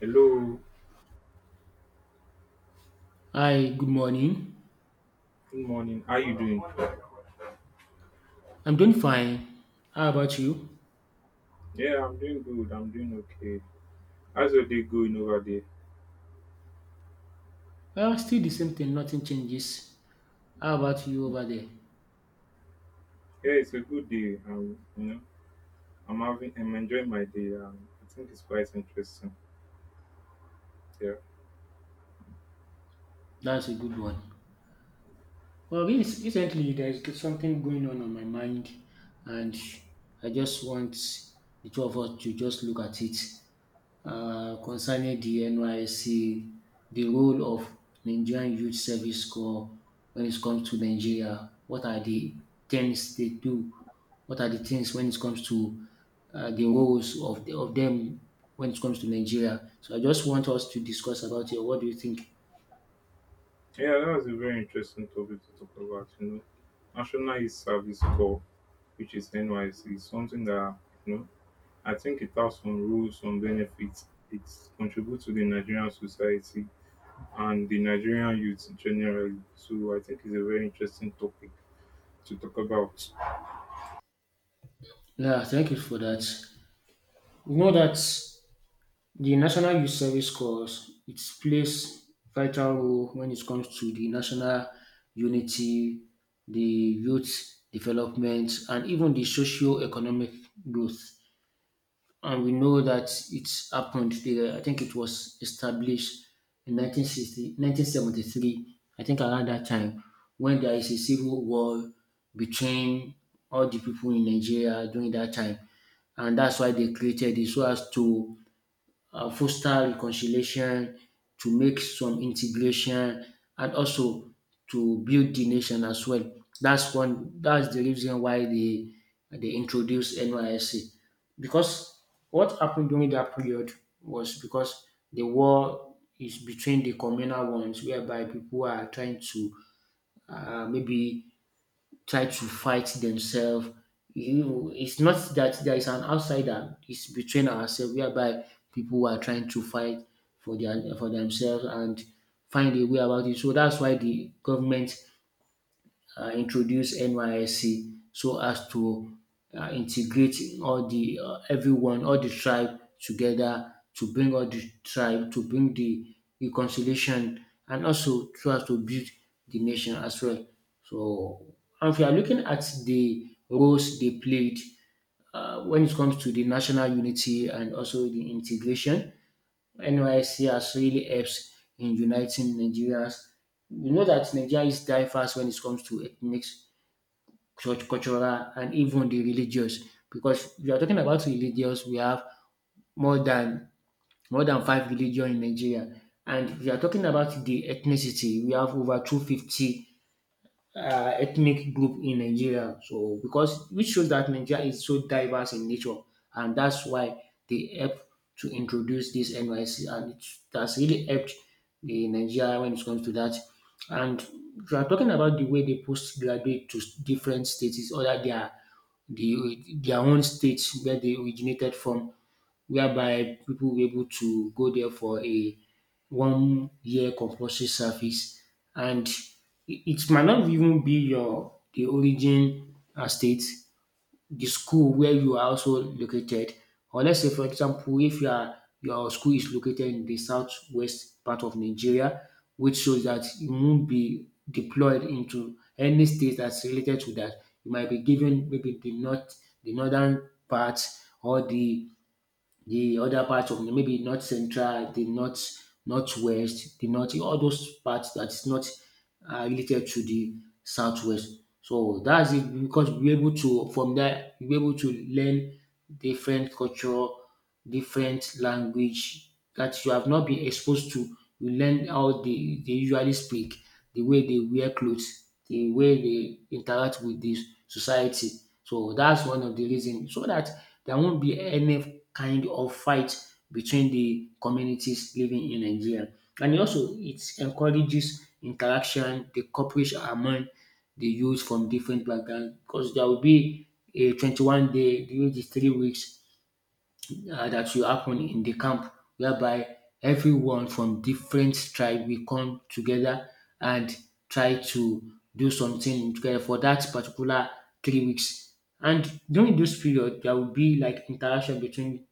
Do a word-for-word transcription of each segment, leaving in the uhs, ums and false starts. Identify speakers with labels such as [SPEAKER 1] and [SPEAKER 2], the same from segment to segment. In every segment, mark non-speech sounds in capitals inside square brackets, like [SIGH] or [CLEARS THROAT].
[SPEAKER 1] Hello,
[SPEAKER 2] Hi, good morning.
[SPEAKER 1] good morning. How you doing?
[SPEAKER 2] I'm doing fine. How about you?
[SPEAKER 1] Yeah, I'm doing good. I'm doing okay. How's your day going over there?
[SPEAKER 2] Well, still the same thing, nothing changes. How about you
[SPEAKER 1] Hmm.
[SPEAKER 2] over there?
[SPEAKER 1] Yeah, it's a good day. Um, you know, I'm having, I'm enjoying my day. Um, I think it's quite interesting. Yeah,
[SPEAKER 2] That's a good one. Well, yes, recently there's something going on on my mind, and I just want the two of us to just look at it uh, concerning the N Y S C, the role of Nigerian Youth Service Corps when it comes to Nigeria. What are the things they do? What are the things when it comes to uh, the roles of, the, of them when it comes to Nigeria? So I just want us to discuss about it. What do you think?
[SPEAKER 1] yeah, that was a very interesting topic to talk about. You know, National Youth Service Corps, which is N Y C, is something that you know, I think it has some rules, some benefits. It contributes to the Nigerian society and the Nigerian youth generally. So I think it's a very interesting topic to talk about.
[SPEAKER 2] Yeah, thank you for that. You know that the National Youth Service Corps, it plays vital role when it comes to the national unity, the youth development, and even the socio-economic growth. And we know that it's happened there. I think it was established in nineteen sixty, nineteen seventy-three. I think around that time, when there is a civil war between all the people in Nigeria during that time, and that's why they created it so as to uh, foster reconciliation, to make some integration, and also to build the nation as well. That's one. That's the reason why they they introduced N Y S C, because what happened during that period was because the war is between the communal ones, whereby people are trying to uh, maybe try to fight themselves. You know, it's not that there is an outsider. It's between ourselves, whereby people who are trying to fight for their for themselves and find a way about it. So that's why the government uh, introduce N Y S C so as to uh, integrate all the uh, everyone, all the tribe together, to bring all the tribe to bring the reconciliation, and also so as to build the nation as well. So, and if you are looking at the roles they played uh, when it comes to the national unity and also the integration, N Y S C has really helps in uniting Nigerians. We know that Nigeria is diverse when it comes to ethnics, church, cultural, and even the religious, because if you are talking about religious, we have more than more than five religion in Nigeria, and if you are talking about the ethnicity, we have over two hundred fifty uh, ethnic group in Nigeria. So because which shows that Nigeria is so diverse in nature, and that's why they help to introduce this N Y C, and it has really helped the Nigeria when it comes to that. And if you are talking about the way they postgraduate to different states, or that they the their own states where they originated from, whereby people were able to go there for a one year compulsory service, and it it might not even be your the origin um state, the school where you are also located. Or let's say for example, if you are your school is located in the southwest part of Nigeria, which shows that you won't be deployed into any state that's related to that. You might be given maybe the north, the northern part, or the the other parts of maybe north central, the north northwest, the north, all those parts that is not uh, related to the southwest. So that's it, because we're able to from there, we're able to learn different culture, different language that you have not been exposed to. You learn how they, they usually speak, the way they wear clothes, the way they interact with the society. So that's one of the reasons, so that there won't be any kind of fight between the communities living in Nigeria. And also it encourages interaction, the cooperation among the youth from different backgrounds, because there will be a twenty-one day, the age is three weeks, uh, that will happen in the camp, whereby everyone from different tribe will come together and try to do something together for that particular three weeks. And during this period, there will be like interaction between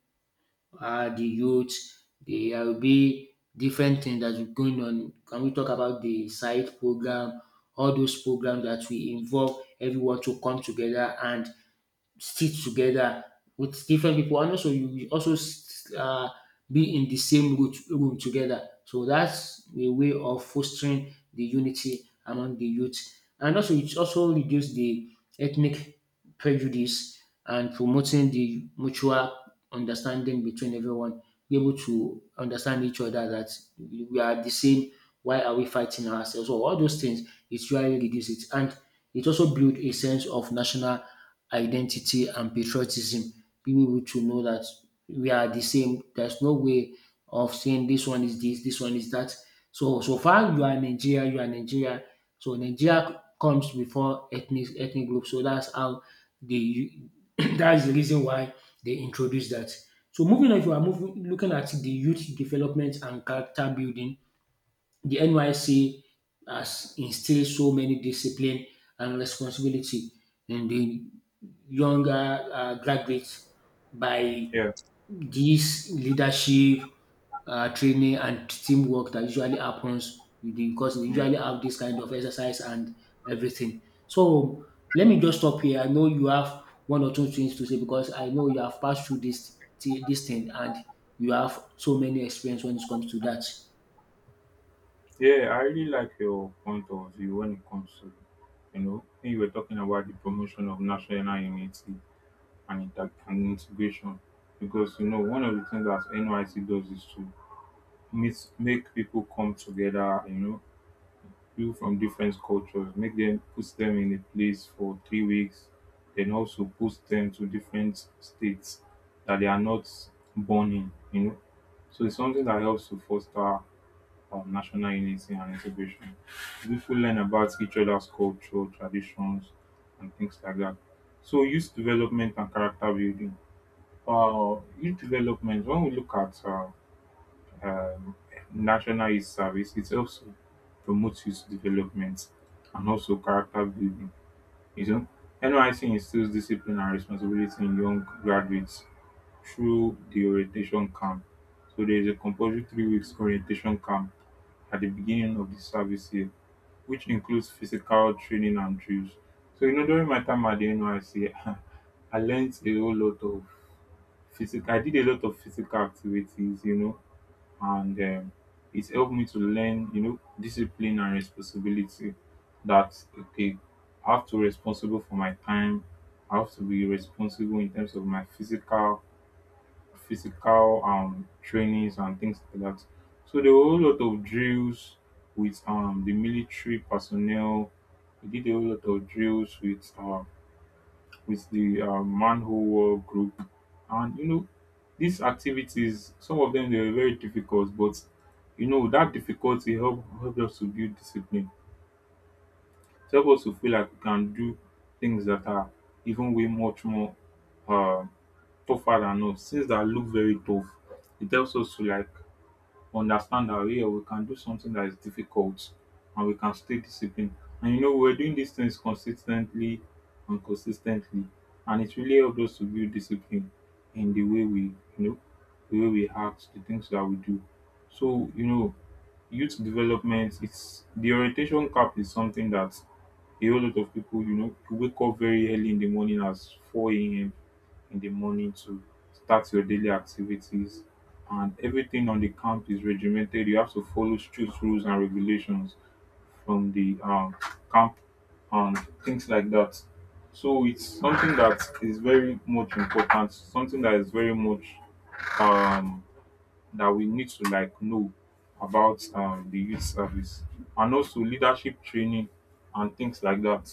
[SPEAKER 2] uh, the youth. There will be different things that is going on. Can we talk about the side program, all those programs that will involve everyone to come together and stitch together with different people, and also you will also s- uh, be in the same root, room together. So that's a way of fostering the unity among the youth. And also it also reduce the ethnic prejudice and promoting the mutual understanding between everyone. Be able to understand each other that we are the same. Why are we fighting ourselves? So all those things, it really reduce it, and it also build a sense of national identity and patriotism. People need to know that we are the same. There's no way of saying this one is this, this one is that. So so far you are Nigeria, you are Nigeria. So Nigeria comes before ethnic ethnic group. So that's how they [COUGHS] [CLEARS THROAT] that's the reason why they introduced that. So moving on, if you are moving looking at the youth development and character building, the N Y C has instilled so many discipline and responsibility in the younger uh, graduates by
[SPEAKER 1] Yeah,
[SPEAKER 2] this leadership uh, training and teamwork that usually happens with, because they
[SPEAKER 1] yeah,
[SPEAKER 2] usually have this kind of exercise and everything. So let me just stop here. I know you have one or two things to say, because I know you have passed through this thi- this thing, and you have so many experience when it comes to that.
[SPEAKER 1] yeah. I really like your point of view when it comes to, you know, when you were talking about the promotion of national unity and, inter- and integration, because you know one of the things that N Y C does is to mis- make people come together. You know, people from different cultures, make them put them in a place for three weeks, then also post them to different states that they are not born in. You know, so it's something that helps to foster um national unity and integration, pipu learn about each other's culture traditions and things like that. So youth development and character building. Uh, youth development. When we look at uh, um national youth service, it also promotes youth development and also character building, you know. N Y C instills discipline and responsibility in young graduates through the orientation camp. So there is a compulsory three weeks orientation camp at the beginning of the service year, which includes physical training and drills. So, you know, during my time at the N Y C, [LAUGHS] I learned a whole lot of physical, I did a lot of physical activities, you know, and um, it helped me to learn, you know, discipline and responsibility. That, okay, I have to be responsible for my time, I have to be responsible in terms of my physical physical um trainings and things like that. So there were a whole lot of drills with um the military personnel. We did a whole lot of drills with uh with the uh, manhole wall group, and you know these activities. Some of them they were very difficult, but you know that difficulty help helped us to build discipline. It helped us to feel like we can do things that are even way much more uh, tougher than us, things that look very tough. It helps us to like understand that yeah, we can do something that is difficult and we can stay disciplined. And you know, we're doing these things consistently and consistently. And it really helped us to build discipline in the way we, you know, the way we act, the things that we do. So, you know, youth development, it's the orientation cap is something that a whole lot of people, you know, you wake up very early in the morning as four a.m in the morning to start your daily activities, and everything on the camp is regimented. You have to follow strict rules and regulations from the um, camp and things like that. So it's something that is very much important, something that is very much um, that we need to like know about um, the youth service and also leadership training and things like that.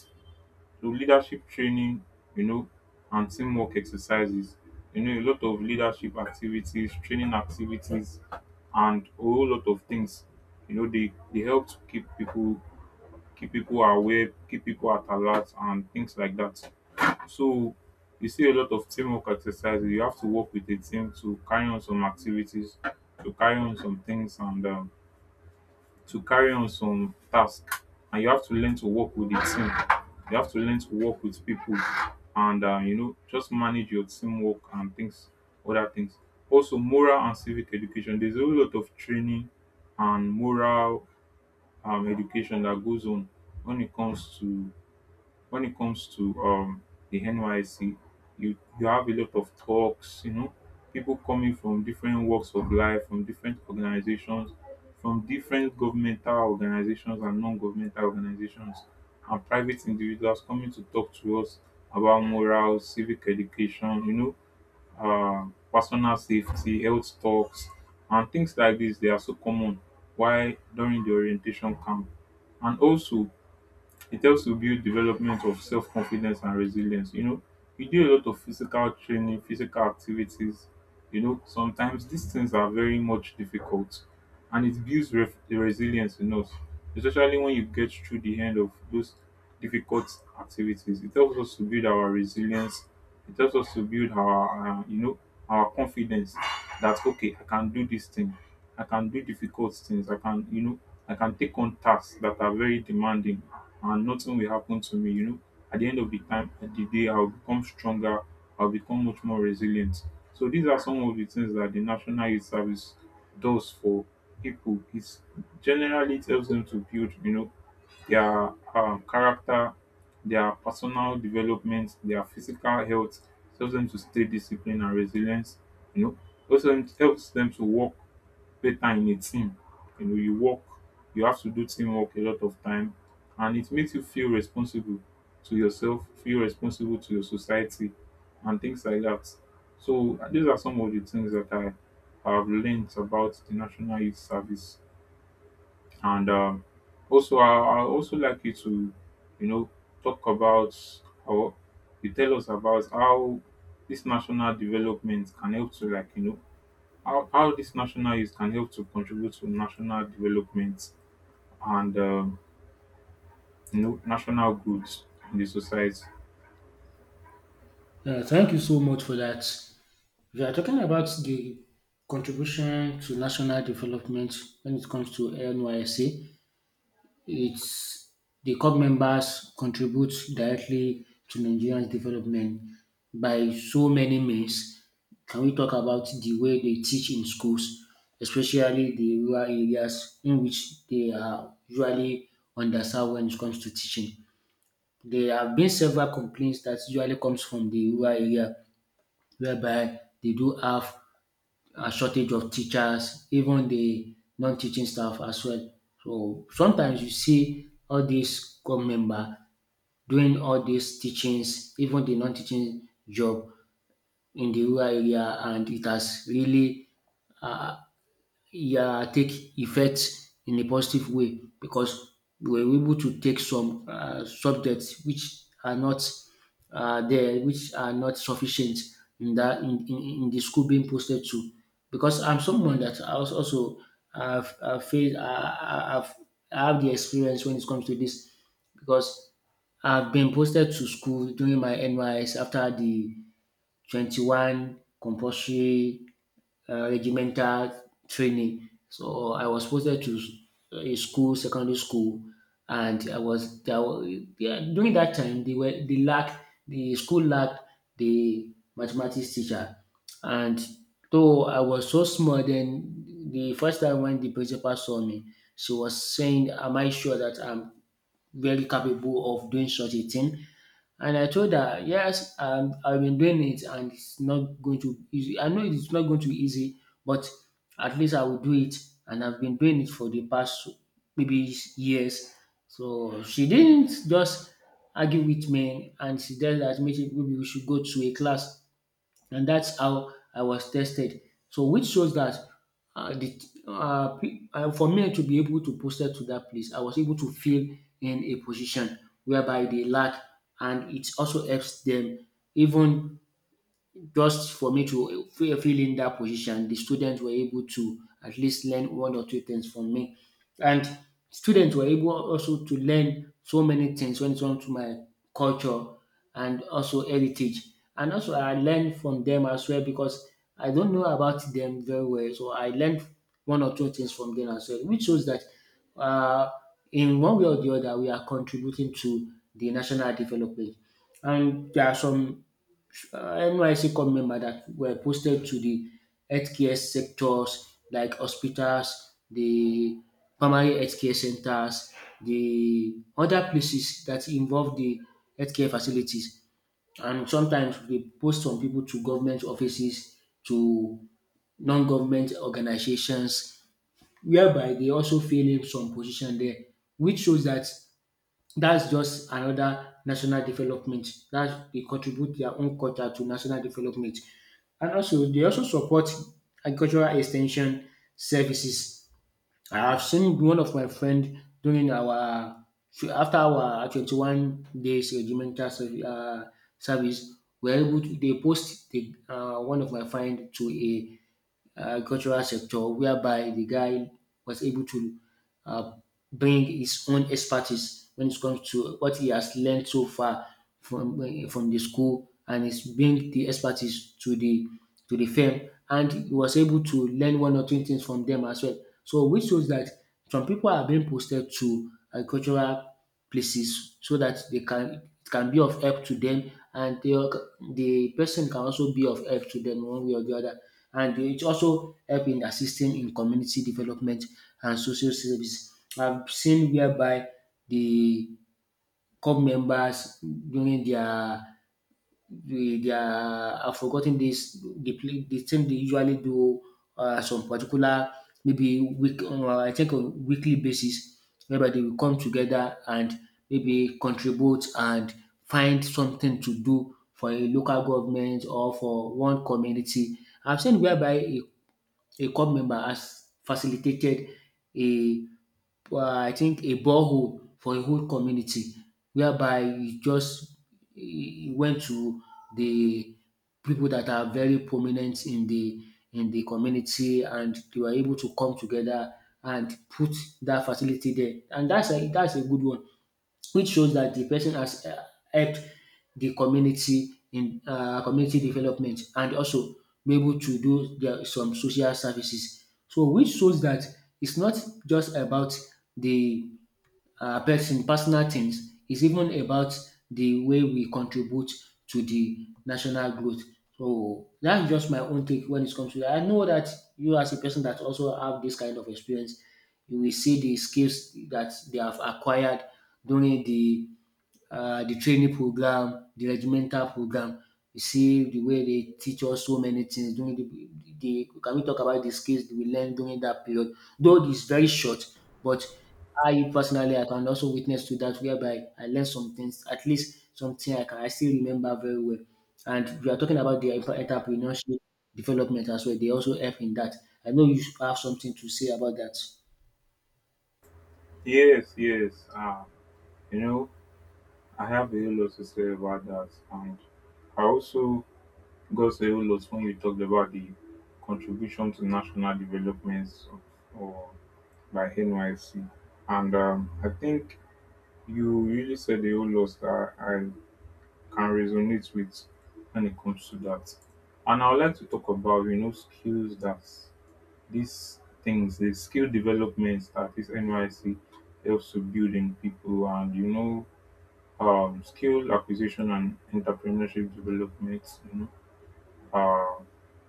[SPEAKER 1] To leadership training, you know, and teamwork exercises. You know, a lot of leadership activities, training activities, and a whole lot of things. You know, they they help to keep people keep people aware, keep people at alert, and things like that. So you see a lot of teamwork exercises. You have to work with a team to carry on some activities, to carry on some things, and um, to carry on some task, and you have to learn to work with the team. You have to learn to work with people and um, you know just manage your teamwork and things, other things. Also, moral and civic education. There's a whole lot of training and moral um, education that goes on when it comes to when it comes to um the N Y C. you you have a lot of talks, you know, people coming from different walks of life, from different organizations, from different governmental organizations and non-governmental organizations, and private individuals coming to talk to us about morals, civic education, you know, uh, personal safety, health talks, and things like this. They are so common. Why during the orientation camp, and also it helps to build development of self confidence and resilience. You know, we do a lot of physical training, physical activities. You know, sometimes these things are very much difficult and it builds ref- the resilience in us, especially when you get through the end of those difficult activities. It helps us to build our resilience. It helps us to build our, uh, you know, our confidence. That, okay, I can do this thing. I can do difficult things. I can, you know, I can take on tasks that are very demanding and nothing will happen to me. You know, at the end of the time, at the day, I'll become stronger. I'll become much more resilient. So these are some of the things that the National Youth Service does for people. It's generally it helps them to build, you know, their um, character, their personal development, their physical health. It helps them to stay disciplined and resilient. You know, also helps them to work better in a team. You know, you work, you have to do teamwork a lot of time, and it makes you feel responsible to yourself, feel responsible to your society, and things like that. So uh, these are some of the things that I have learned about the National Youth Service, and um, also I, I also like you to, you know, talk about how you tell us about how this national development can help to like you know how, how this national youth can help to contribute to national development, and um, you know, national goods in the society.
[SPEAKER 2] Uh, thank you so much for that. We are talking about the contribution to national development when it comes to N Y S A. It's the COP members contribute directly to Nigeria's development by so many means. Can we talk about the way they teach in schools, especially the rural areas in which they are usually underserved when it comes to teaching? There have been several complaints that usually comes from the rural area, whereby they do have um shortage of teachers, even de non-teaching staff as well. So sometimes you see all dis government member doing all dis teachings, even de non-teaching job in de rural area, and it has really, yeah, take effect in a positive way, because we were able to take some uh, subjects which are not uh, there, which are not sufficient in that in, in, in the school being posted to. Because I'm someone that I was also have uh, faced, uh, I've, I have the experience when it comes to this, because I've been posted to school during my N Y S after the twenty-one compulsory uh, regimental training. So I was posted to uh, a school, secondary school, and I was there. Wa- yeah, during that time, they were they lacked the school lacked the mathematics teacher, and though I was so small, then the first time when the principal saw me, she was saying, "Am I sure that I'm very capable of doing such a thing." And I told her, yes, um, I've been doing it and it's not going to be easy. I know it's not going to be easy, but at least I will do it. And I've been doing it for the past maybe years. So she didn't just argue with me, and she said that maybe maybe we should go to a class, and that's how I was tested. So which shows that uh, the uh, pe- uh, for me to be able to posted to that place, I was able to fill in a position whereby they lack, and it also helps them, even just for me to feel feel in that position, the students were able to at least learn one or two things from me. And students were able also to learn so many things when it comes to my culture and also heritage. And also I learned from them as well, because I don't know about them very well. So I learned one or two things from them as well, which shows that, uh, in one way or the other, we are contributing to the national development. And there are some N Y C court member that were posted to the healthcare sectors like hospitals, the primary healthcare centers, the other places that involve the healthcare facilities. And sometimes they post some people to government offices, to non-government organizations, whereby they also fill in some position there, which shows that that's just another national development. That they contribute their own quota to national development. And also they also support agricultural extension services. I have seen one of my friend during our after our twenty one days regimental serv um service. We are able to they post the um one of my friend to a uh, cultural sector, whereby the guy was able to uh, bring his own expertise when it comes to what he has learned so far from from the school, and he's bring the expertise to the to the firm, and he was able to learn one or two things from them as well. So which shows that some people are being posted to agricultural places so that they can it can be of help to them and the the person can also be of help to them one way or the other, and it also help in assisting in community development and social service. I've seen whereby the club members during their they they are have forgotten this the play the team they usually do uh, some particular maybe week, uh, I think on weekly basis, whereby they will come together and maybe contribute and find something to do for a local government or for one community. I've seen whereby a, a club member has facilitated a, uh, I think, a borehole for a whole community, whereby he just he went to the people that are very prominent in the in the community, and they were able to come together and put that facility there. And that's a that's a good one, which shows that the person has, uh, helped the community in, uh, community development, and also be able to do their, some social services. So which shows that it's not just about the, uh, person, personal things. It's even about the way we contribute to the national growth. So that's just my own take when it comes to that. I know that you as a person that also have this kind of experience, you will see the skills that they have acquired during the, uh, the training program, the regimental program. You see the way they teach us so many things during the, the can we talk about the skills we learn during that period? Though it's very short, but I personally I can also witness to that whereby I learned some things, at least something I can I still remember very well. And we are talking about the entre- entrepreneurship development as well. They also help in that. I know you have something to say about that.
[SPEAKER 1] Yes, yes. Uh, you know, I have a whole lot to say about that. And I also got a whole lot when you talked about the contribution to national developments of, or by N Y C. And um, I think you really said a whole lot that I can resonate with when it comes to that. And I would like to talk about, you know, skills that these things, the skill developments that this N Y C helps to build in people and, you know, um, skill acquisition and entrepreneurship development, you know. Uh,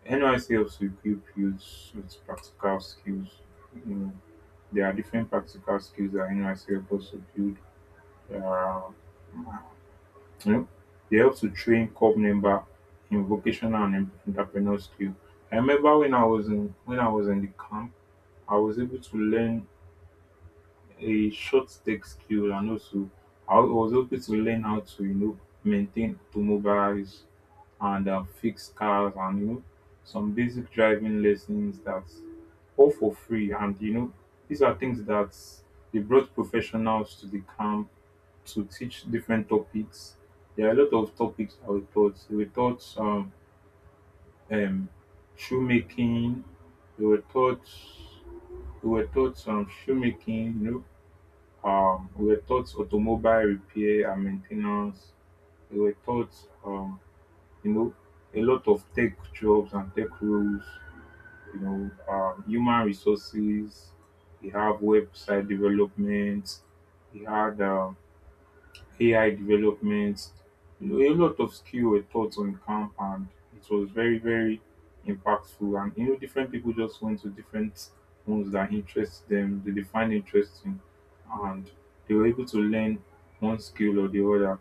[SPEAKER 1] N Y C helps to equip youths with practical skills. You know, there are different practical skills that N Y C helps to build. There, you know, they help to train corps member in vocational and em- entrepreneurial skill. I remember when I was in when I was in the camp, I was able to learn a short tech skill, and also I was able to learn how to you know maintain automobiles and uh, fix cars, and you know some basic driving lessons, that all for free. And you know these are things that they brought professionals to the camp to teach different topics. There are a lot of topics I was taught. We were taught um, um, shoemaking. We were taught we were taught um, shoemaking. You know, um, we were taught automobile repair and maintenance. We were taught um, you know a lot of tech jobs and tech roles. You know, um, human resources. We have website development. We had um, A I development. You know, a lot of skill were taught on camp, and it was very, very impactful. And you know, different people just went to different ones that interest them, that they find interesting, and they were able to learn one skill or the other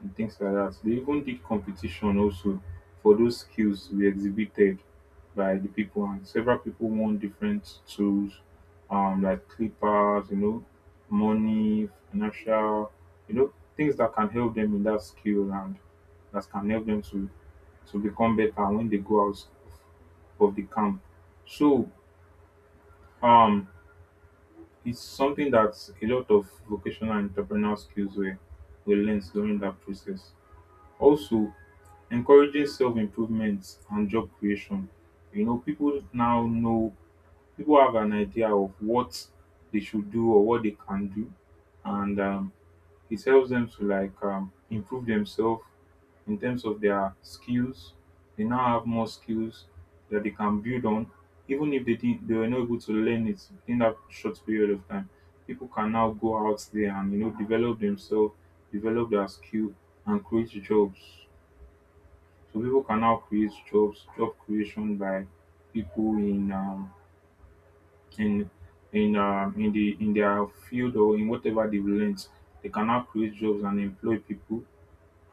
[SPEAKER 1] and things like that. They even did competition also for those skills to be exhibited by the people, and several people won different tools um like clippers, you know, money, financial, you know, things that can help them in that skill and that can help them to to become better when they go out of the camp. So um it's something that a lot of vocational and entrepreneurial skills were, were learned during that process. Also, encouraging self-improvement and job creation. You know, people now know, people have an idea of what they should do or what they can do, and um, it helps them to like um improve themselves in terms of their skills. They now have more skills that they can build on. Even if they didn't they were not able to learn it in that short period of time, people can now go out there and, you know, develop themselves, develop their skill, and create jobs. So people can now create jobs, job creation by people in um in in um in the in their field or in whatever they've learned. They can now create jobs and employ people,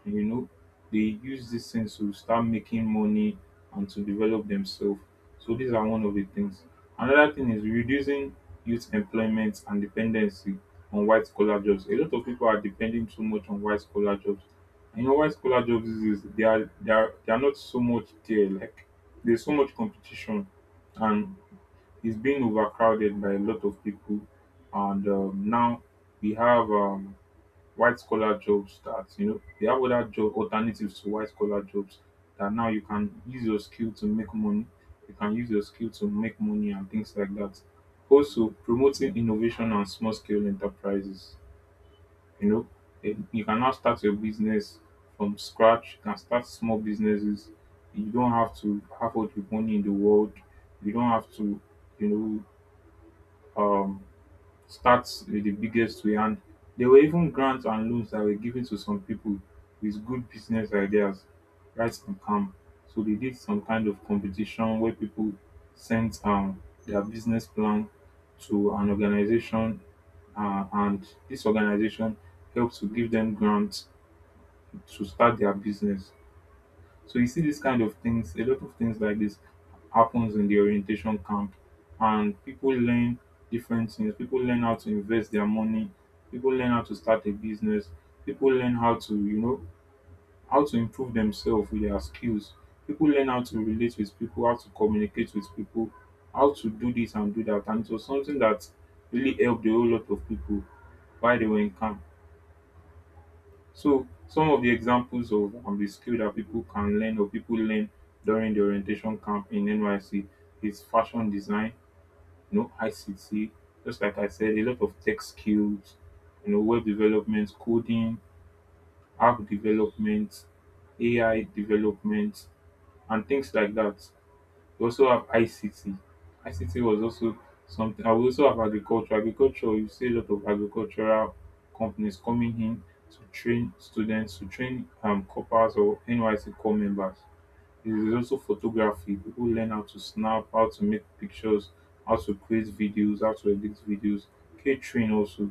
[SPEAKER 1] you know. They use this sense to start making money and to develop themselves. So these are one of the things. Another thing is reducing youth employment and dependency on white collar jobs. A lot of people are depending too much on white collar jobs, and you know, white collar jobs is is, they are they are they are not so much there, like there's so much competition, and it's being overcrowded by a lot of people. And um, Now we have um, white collar jobs that, you know, they have other job alternatives to white collar jobs, that now you can use your skill to make money. You can use your skill to make money and things like that. Also, promoting innovation and small scale enterprises. You know, eh, you can now start your business from scratch, you can start small businesses. You don't have to have all the money in the world. You don't have to you know um starts with the biggest we, and there were even grants and loans that were given to some people with good business ideas, right, and calm. So they did some kind of competition where people sent um their business plan to an organization. Uh, and this organization helped to give them grants to start their business. So you see these kind of things, a lot of things like this happens in the orientation camp, and people learn different things. People learn how to invest their money, people learn how to start a business, people learn how to, you know, how to improve themselves with their skills. People learn how to relate with people, how to communicate with people, how to do this and do that. And it was something that really helped a whole lot of people while they were in camp. So some of the examples of um, the skill that people can learn or people learn during the orientation camp in N Y C is fashion design, you know, I C T, just like I said. A lot of tech skills, you know, web development, coding, app development, A I development, and things like that. We also have I C T. I C T was also something, and we also have agriculture. Agriculture, you see a lot of agricultural companies coming in to train students, to train um corporals or N Y S C corps members. There is also photography. People learn how to snap, how to make pictures, how to create videos, how to edit videos, catering also.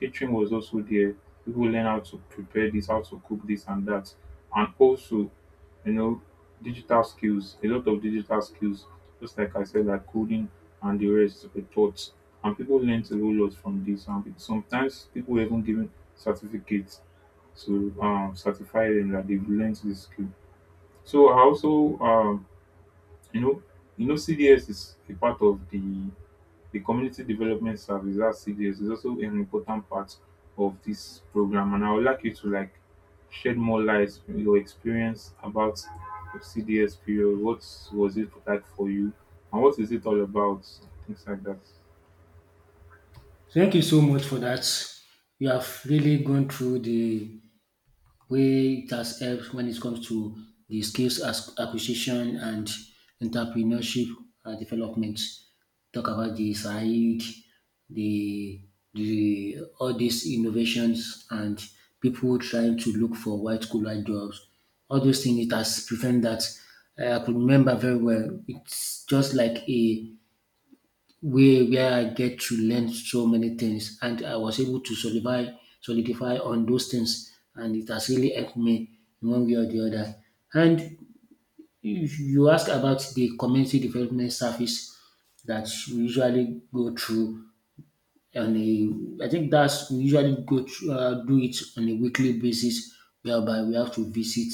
[SPEAKER 1] Catering was also there. People learn how to prepare this, how to cook this and that. And also, you know, digital skills, a lot of digital skills, just like I said, like coding, and the rest were taught. And people learned a whole lot from this. And pe- sometimes people were even given certificates to um, certify them that they've learned this skill. So I also, um, you know, you know, C D S is a part of the the community development service. That C D S is also an important part of this program, and I would like you to like shed more light on your experience about the C D S period. What was it like for you, and what is it all about? Things like that.
[SPEAKER 2] Thank you so much for that. You have really gone through the where it has helped when it comes to the skills as- acquisition and entrepreneurship, uh, development. Talk about the side, the the all these innovations and people trying to look for white collar jobs. All those things it has prevented that. uh, I could remember very well. It's just like a where where I get to learn so many things, and I was able to solidify solidify on those things, and it has really helped me in one way or the other. And if you ask about the community development service that we usually go through on a, I think that's we usually go through, uh, do it on a weekly basis, whereby we have to visit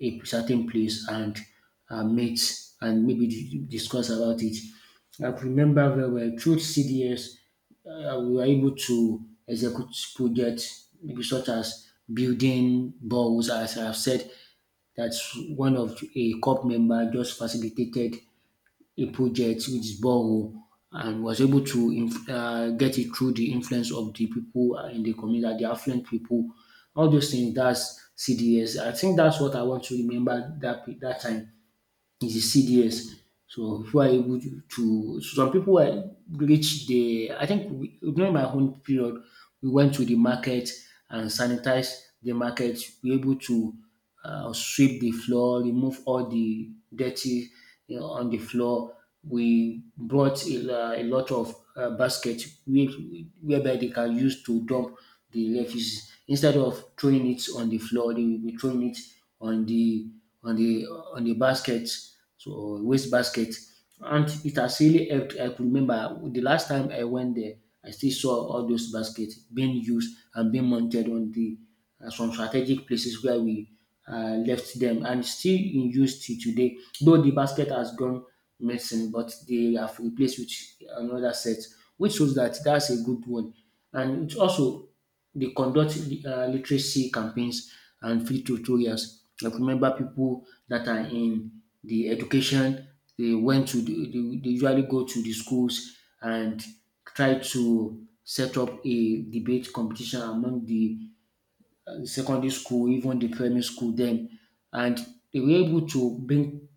[SPEAKER 2] a certain place and, uh, met and maybe di- discuss about it. I remember very well through C D S, uh, we were able to execute projects maybe such as building balls, as I've said. That's one of a C O P member just facilitated a project which is borehole, and was able to inf- uh, get it through the influence of the people, uh, in the community, the affluent people. All those things, that's C D S. I think that's what I want to remember that pe- that time is the C D S. So if we are able to, to some people were reach the, I think we, during my own period, we went to the market and sanitize the market. We were able to, uh, sweep the floor, remove all the dirty, you know, on the floor. We brought a, la- a lot of, uh, baskets where- whereby they can use to dump the refuse instead of throwing it on the floor. They will be throwing it on the on the on the basket, so waste basket, and it has really helped. I could remember the last time I went there, I still saw all those baskets being used and being mounted on the, uh, some strategic places where we, uh, left them and still in use till today. Though the basket has gone missing, but they have replaced with another set, which shows that that's a good one. And it also they conduct, uh, literacy campaigns and free tutorials. Like remember people that are in the education, they went to the, they, they usually go to the schools and try to set up a debate competition among the secondary school, even the primary school then. And they were able to bring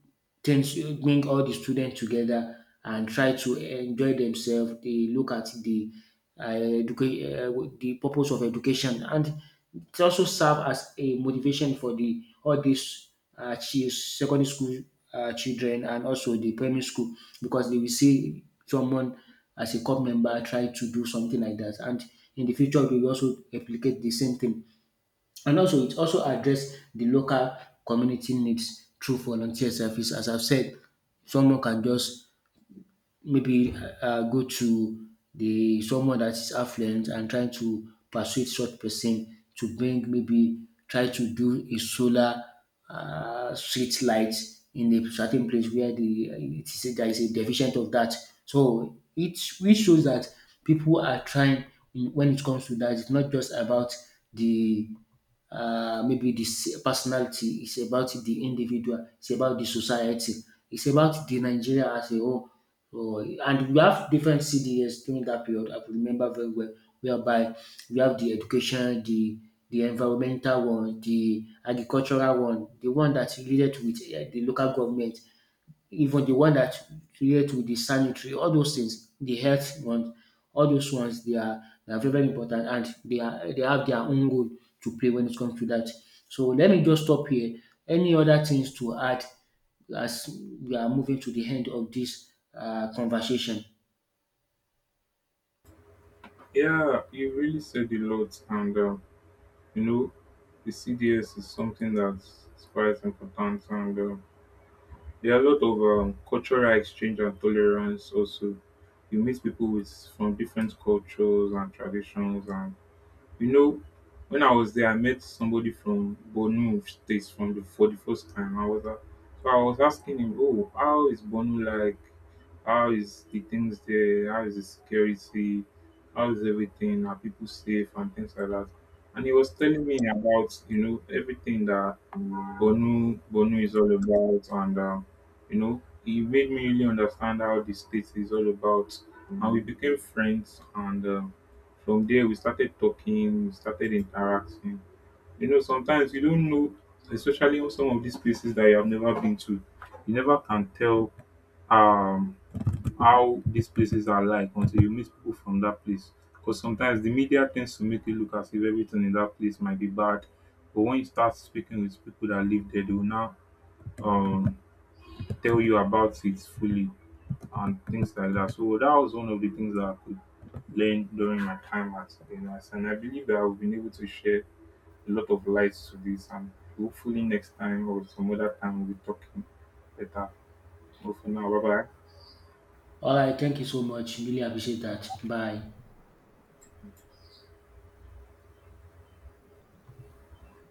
[SPEAKER 2] things, bring all the students together and try to enjoy themselves. They look at the, uh, educa- uh, the purpose of education, and it also serve as a motivation for the all these, uh, chi- secondary school, uh, children and also the primary school, because they will see someone as a club member try to do something like that, and in the future they will also replicate the same thing. And also, it also address the local community needs through volunteer service. As I've said, someone can just maybe, uh, uh, go to the someone that is affluent and trying to persuade such person to bring maybe try to do a solar, uh, street light in a certain place where the, uh, it is there is a deficient of that. So it which shows that people are trying in, when it comes to that. It's not just about the, uh, maybe the s- personality, it's about the individual, it's about the society, it's about the Nigeria as a whole. So, and we have different C D S during that period, I could remember very well, whereby we have the education, the the environmental one, the agricultural one, the one that related with eh, the local government, even the one that relate with the sanitary, all those things, the health ones, all those ones they are they are very very important, and they are they have their own role to play when it comes to that. So let me just stop here. Any other things to add as we are moving to the end of this, uh, conversation?
[SPEAKER 1] Yeah, you really said a lot, and uh, you know, the C D S is something that's quite important, and uh, there are a lot of um, cultural exchange and tolerance also. You meet people with from different cultures and traditions, and you know, when I was there I met somebody from Bornu State from the for the first time. I was uh, so I was asking him, oh, how is Bornu like? How is the things there? How is the security? How is everything? Are people safe and things like that? And he was telling me about, you know, everything that Bonu Bonu is all about, and um, you know, he made me really understand how the state is all about. And we became friends, and um, from there we started talking, we started interacting. You know, sometimes you don't know, especially on some of these places that you have never been to, you never can tell. Um, how these places are like until you meet people from that place. Because sometimes the media tends to make it look as if everything in that place might be bad. But when you start speaking with people that live there, they will now, um, tell you about it fully and things like that. So that was one of the things that I could learn during my time at N S. And I believe that I've been able to share a lot of lights to this. And hopefully, next time or some other time, we'll be talking better. Well, for now, bye bye.
[SPEAKER 2] All right, thank you so much. Really appreciate that. Bye.